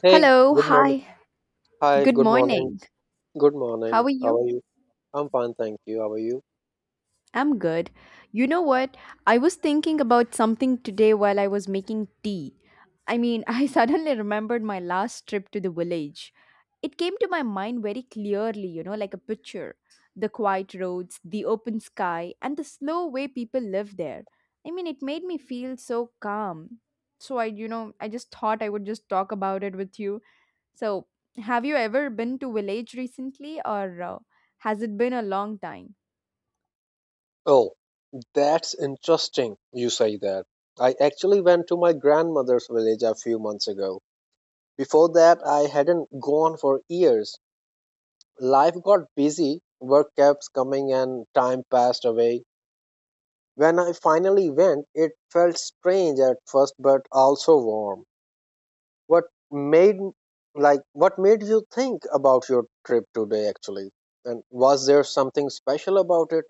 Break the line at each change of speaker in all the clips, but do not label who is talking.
Hey,
Hello,
good morning.
hi.
Hi,
Good
good morning.
morning.
Good
How
morning.
are
How
you?
are you? I'm fine, thank you. How are you?
I'm good. You know what? I was thinking about something today while I was making tea. I suddenly remembered my last trip to the village. It came to my mind very clearly, you know, like a picture. The quiet roads, the open sky, and the slow way people live there. It made me feel so calm. So I just thought I would just talk about it with you. So, have you ever been to village recently or has it been a long time?
Oh, that's interesting. You say that. I actually went to my grandmother's village a few months ago. Before that, I hadn't gone for years. Life got busy, work kept coming, and time passed away. When I finally went, it felt strange at first, but also warm. What made like what made you think about your trip today actually? And was there something special about it?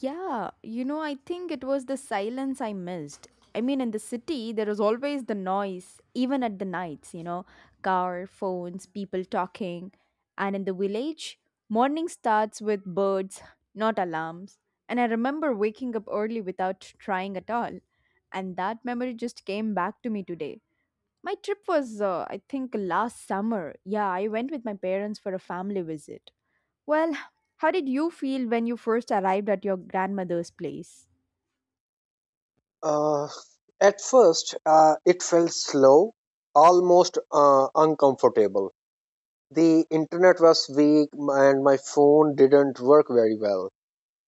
Yeah, you know, I think it was the silence I missed. I mean, in the city, there is always the noise, even at the nights, you know, car, phones, people talking. And in the village, morning starts with birds, not alarms. And I remember waking up early without trying at all. And that memory just came back to me today. My trip was, I think, last summer. Yeah, I went with my parents for a family visit. Well, how did you feel when you first arrived at your grandmother's place?
Uh, at first, it felt slow, almost uncomfortable. The internet was weak and my phone didn't work very well.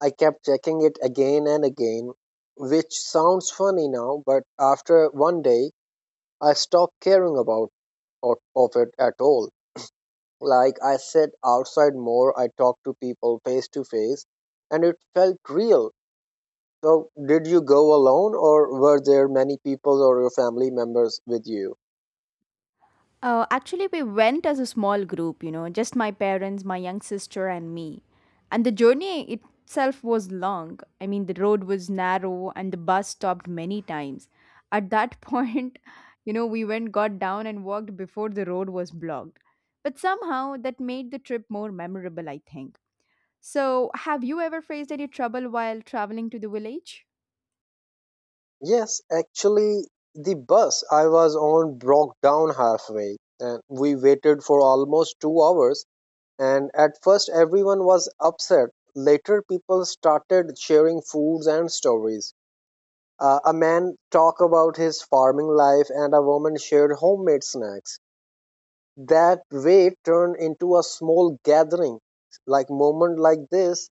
I kept checking it again and again, which sounds funny now, but after one day, I stopped caring of it at all. Like I sat outside more, I talked to people face to face, and it felt real. So, did you go alone, or were there many people or your family members with you?
Actually, we went as a small group, you know, just my parents, my young sister, and me. And the journey itself was long. I mean, the road was narrow and the bus stopped many times. At that point, you know, we went, got down, and walked before the road was blocked. But somehow that made the trip more memorable, I think. So, have you ever faced any trouble while traveling to the village?
Yes, actually, the bus I was on broke down halfway, and we waited for almost 2 hours. And at first, everyone was upset. Later, people started sharing foods and stories. A man talked about his farming life, and a woman shared homemade snacks. That way turn into a small gathering, like moment like this,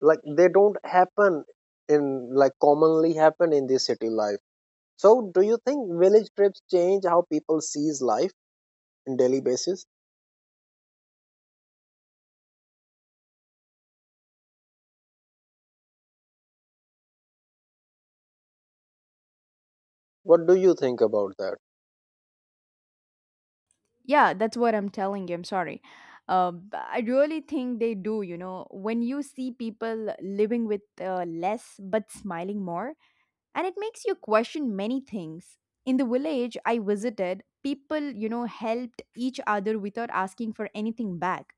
like they don't happen in, like commonly happen in the city life. So do you think village trips change how people sees life in daily basis? What do you think about that?
Yeah, that's what I'm telling you. I'm sorry. I really think they do, you know, when you see people living with less but smiling more, and it makes you question many things. In the village I visited, people, you know, helped each other without asking for anything back.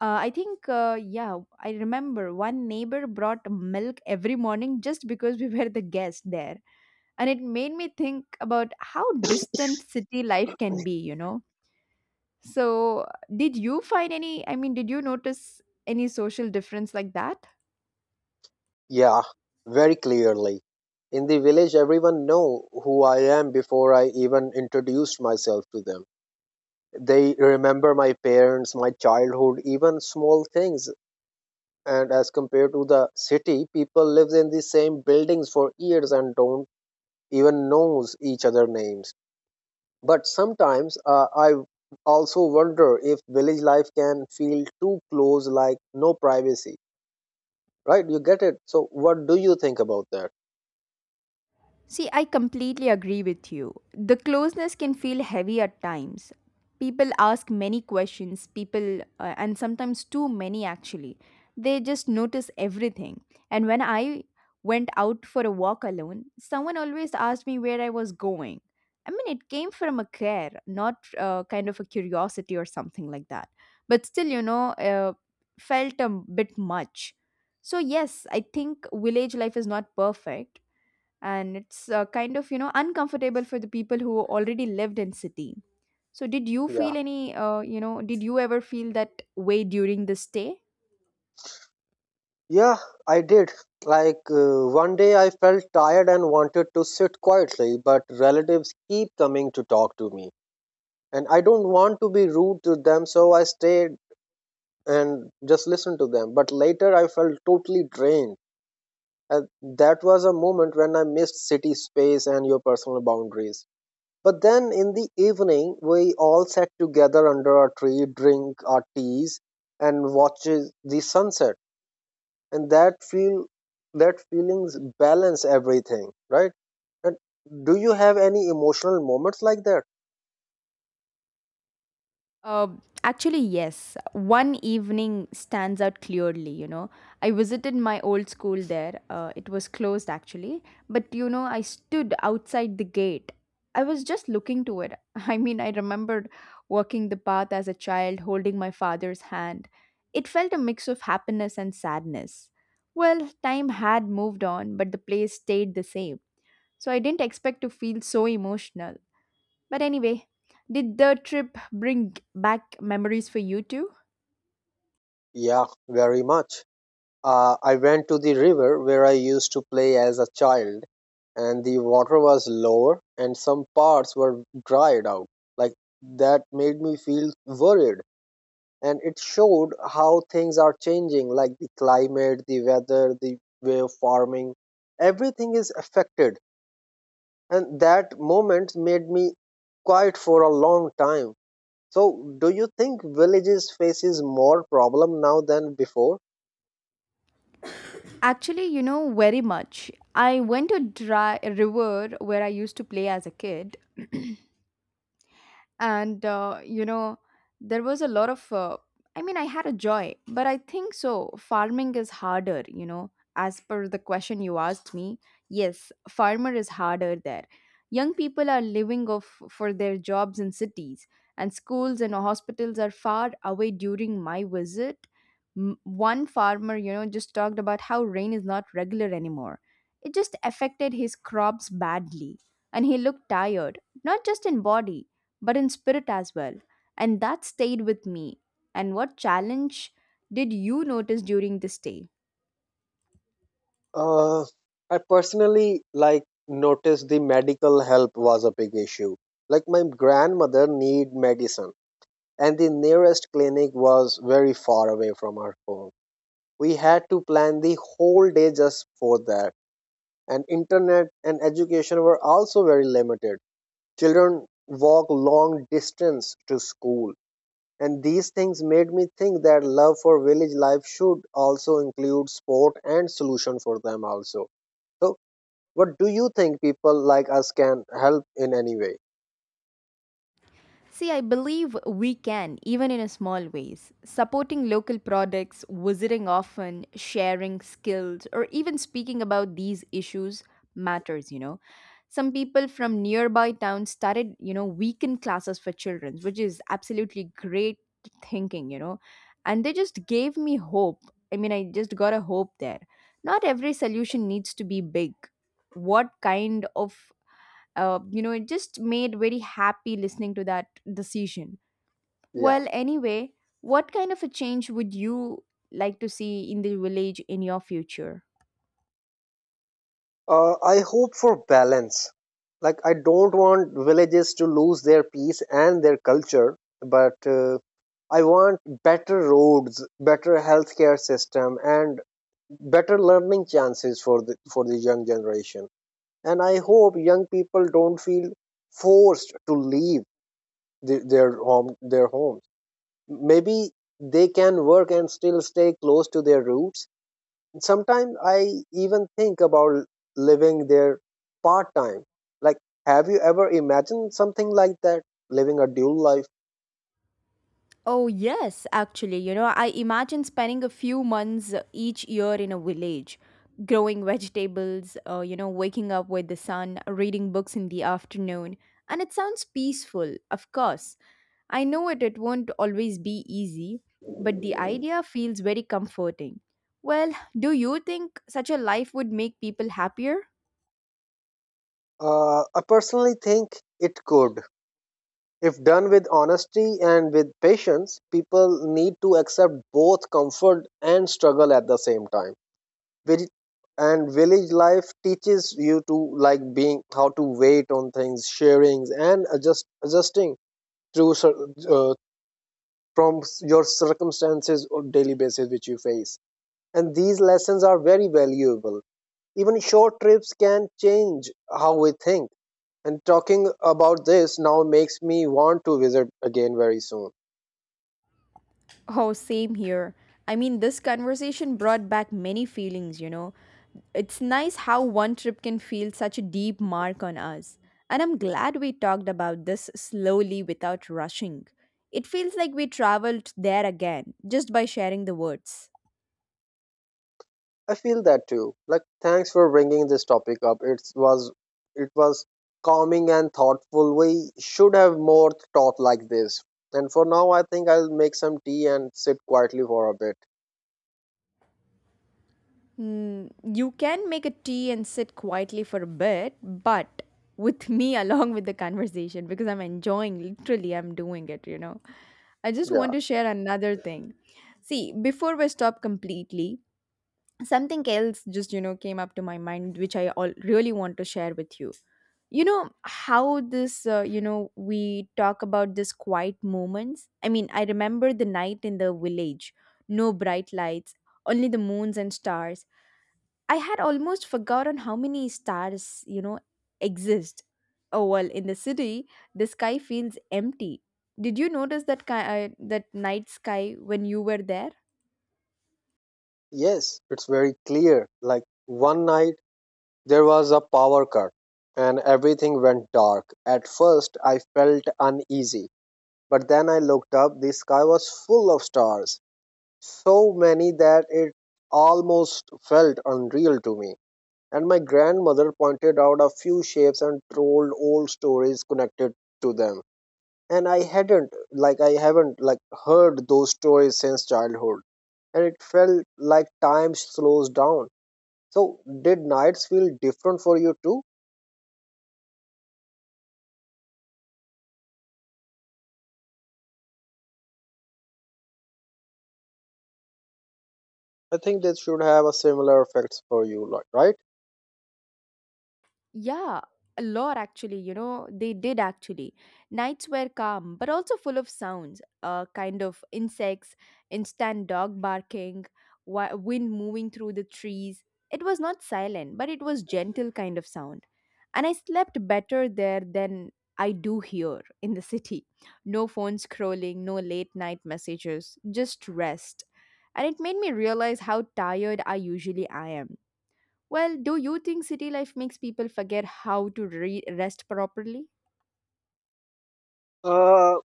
Yeah, I remember one neighbor brought milk every morning just because we were the guest there, and it made me think about how distant city life can be, you know. So did you find any, I mean, did you notice any social difference like that?
Yeah, very clearly. In the village everyone know who I am before I even introduced myself to them. They remember my parents, my childhood, even small things. And as compared to the city, people live in the same buildings for years and don't even knows each other names. But sometimes I also wonder if village life can feel too close, like no privacy, right? You get it. So what do you think about that?
See, I completely agree with you. The closeness can feel heavy at times. People ask many questions, and sometimes too many actually. They just notice everything. And when I went out for a walk alone, someone always asked me where I was going. I mean, it came from a care, not kind of a curiosity or something like that. But still, felt a bit much. So, yes, I think village life is not perfect, and it's kind of, you know, uncomfortable for the people who already lived in city. So did you
Yeah,
feel any, you know, did you ever feel that way during the stay?
yeah, I did. Like, one day I felt tired and wanted to sit quietly, but relatives keep coming to talk to me, and I don't want to be rude to them, so I stayed and just listen to them. But later I felt totally drained. And that was a moment when I missed city space and your personal boundaries. But then in the evening, we all sat together under a tree, drink our teas, and watches the sunset. And that feelings balance everything, right? And do you have any emotional moments like that?
Uh, Actually, yes. One evening stands out clearly, you know. I visited my old school there. It was closed actually, but you know, I stood outside the gate. I was just looking to it. I mean, I remembered walking the path as a child, holding my father's hand. It felt a mix of happiness and sadness. Well, time had moved on, but the place stayed the same. So I didn't expect to feel so emotional. But anyway, did the trip bring back memories for you too?
Yeah, very much. I went to the river where I used to play as a child, and the water was lower, and some parts were dried out. Like that made me feel worried, and it showed how things are changing, like the climate, the weather, the way of farming. Everything is affected, and that moment made me quiet for a long time. So, do you think villages faces more problem now than before?
Actually, you know, very much. I went to dry river where I used to play as a kid, and there was a lot of I had a joy, but I think so farming is harder, you know. As per the question you asked me, yes, farmer is harder there. Young people are living off for their jobs in cities, and schools and hospitals are far away. During my visit, one farmer, you know, just talked about how rain is not regular anymore. It just affected his crops badly, and he looked tired, not just in body, but in spirit as well. And that stayed with me. And what challenge did you notice during this stay?
Uh, I personally like noticed the medical help was a big issue. Like my grandmother need medicine and the nearest clinic was very far away from our home. We had to plan the whole day just for that. And internet and education were also very limited. Children walk long distance to school. And these things made me think that love for village life should also include sport and solution for them also. So what do you think people like us can help in any way?
See, I believe we can, even in a small ways. Supporting local products, visiting often, sharing skills, or even speaking about these issues matters, you know. Some people from nearby towns started, you know, weekend classes for children, which is absolutely great thinking, you know. And they just gave me hope. I mean, I just got a hope there. Not every solution needs to be big. What kind of you know It just made very happy listening to that decision.
Yeah.
Well, anyway, what kind of a change would you like to see in the village in your future?
I hope for balance. Like, I don't want villages to lose their peace and their culture, but I want better roads, better healthcare system, and better learning chances for the young generation. And I hope young people don't feel forced to leave their homes. Maybe they can work and still stay close to their roots. Sometimes I even think about living there part time. Like, have you ever imagined something like that? Living a dual life?
Oh, yes, actually. You know, I imagine spending a few months each year in a village, growing vegetables, you know, waking up with the sun, reading books in the afternoon. And it sounds peaceful, of course. I know it won't always be easy, but the idea feels very comforting. Well, do you think such a life would make people happier?
I personally think it could. If done with honesty and with patience, people need to accept both comfort and struggle at the same time. Vil- And village life teaches you to like being how to wait on things, sharing, and adjusting through cir- uh, from your circumstances or daily basis which you face, and these lessons are very valuable. Even short trips can change how we think, and talking about this now makes me want to visit again very soon.
Oh, same here. I mean, this conversation brought back many feelings, you know. It's nice how one trip can feel such a deep mark on us. And I'm glad we talked about this slowly without rushing. It feels like we traveled there again just by sharing the words.
I feel that too. Like, thanks for bringing this topic up. It was calming and thoughtful. We should have more talk like this. And for now I think I'll make some tea and sit quietly for a bit.
Mm, you can make a tea and sit quietly for a bit, but with me along with the conversation, because I'm enjoying, literally I'm doing it, you know. I just want to share another thing. See, before we stop completely, something else just, you know, came up to my mind which I all really want to share with you. You know how this, we talk about this quiet moments. I mean, I remember the night in the village, no bright lights, only the moons and stars. I had almost forgotten how many stars, you know, exist. Oh well, in the city, the sky feels empty. Did you notice that that night sky when you were there?
Yeah, yes, it's very clear. Like, one night there was a power cut, and everything went dark. At first, I felt uneasy, but then I looked up. The sky was full of stars, so many that it almost felt unreal to me. And my grandmother pointed out a few shapes and told old stories connected to them. And I hadn't, like, I haven't, like, heard those stories since childhood, and it felt like time slows down. So, did nights feel different for you too? I think this should have a similar effects for you, like, right?
Yeah, a lot actually, you know, they did actually. Nights were calm, but also full of sounds, kind of insects, instant dog barking, wind moving through the trees. It was not silent, but it was gentle kind of sound. And I slept better there than I do here in the city. No phone scrolling, no late night messages, just rest. And it made me realize how tired I usually I am. Well, do you think city life makes people forget how to rest properly?
Uh,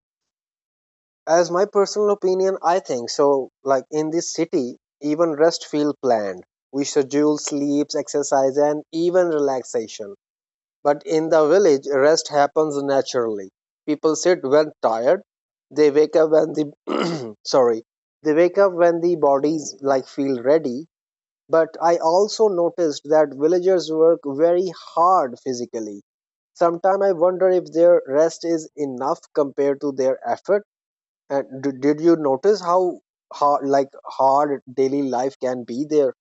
as my personal opinion, I think so. Like in this city, even rest feel planned. We schedule sleeps, exercise, and even relaxation. But in the village, rest happens naturally. People sit when tired. They wake up when the sorry. They wake up when the bodies like feel ready. But I also noticed that villagers work very hard physically. Sometimes I wonder if their rest is enough compared to their effort. And did you notice how hard daily life can be there?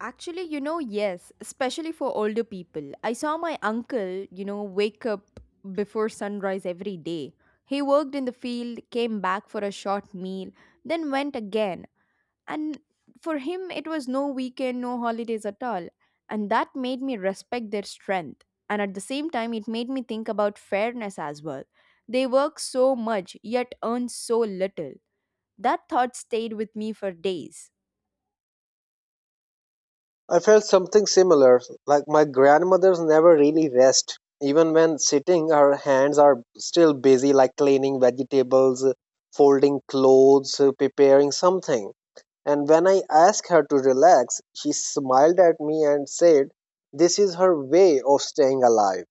Actually, you know, yes, especially for older people. I saw my uncle, you know, wake up before sunrise every day. He worked in the field, came back for a short meal, then went again. And for him, it was no weekend, no holidays at all. And that made me respect their strength. And at the same time, it made me think about fairness as well. They work so much, yet earn so little. That thought stayed with me for days.
I felt something similar. Like my grandmother's never really rest. Even when sitting, her hands are still busy, like cleaning vegetables, folding clothes, preparing something. And when I asked her to relax, she smiled at me and said, "This is her way of staying alive."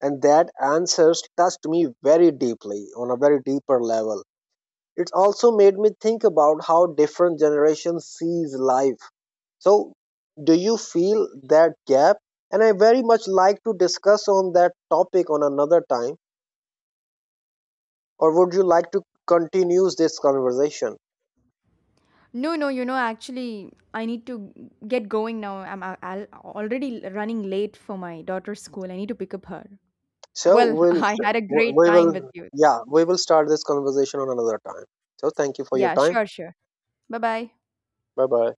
And that answer touched me very deeply on a very deeper level. It also made me think about how different generations sees life. So, do you feel that gap? And I very much like to discuss on that topic on another time. Or would you like to continue this conversation?
No, no, you know, actually, I need to get going now. I'm already running late for my daughter's school. I need to pick up her.
So
Well,
we'll
I had a great
we
time with
will,
you.
yeah, we will start this conversation on another time. So thank you for your
Yeah,
time.
sure, sure. Bye bye.
Bye bye.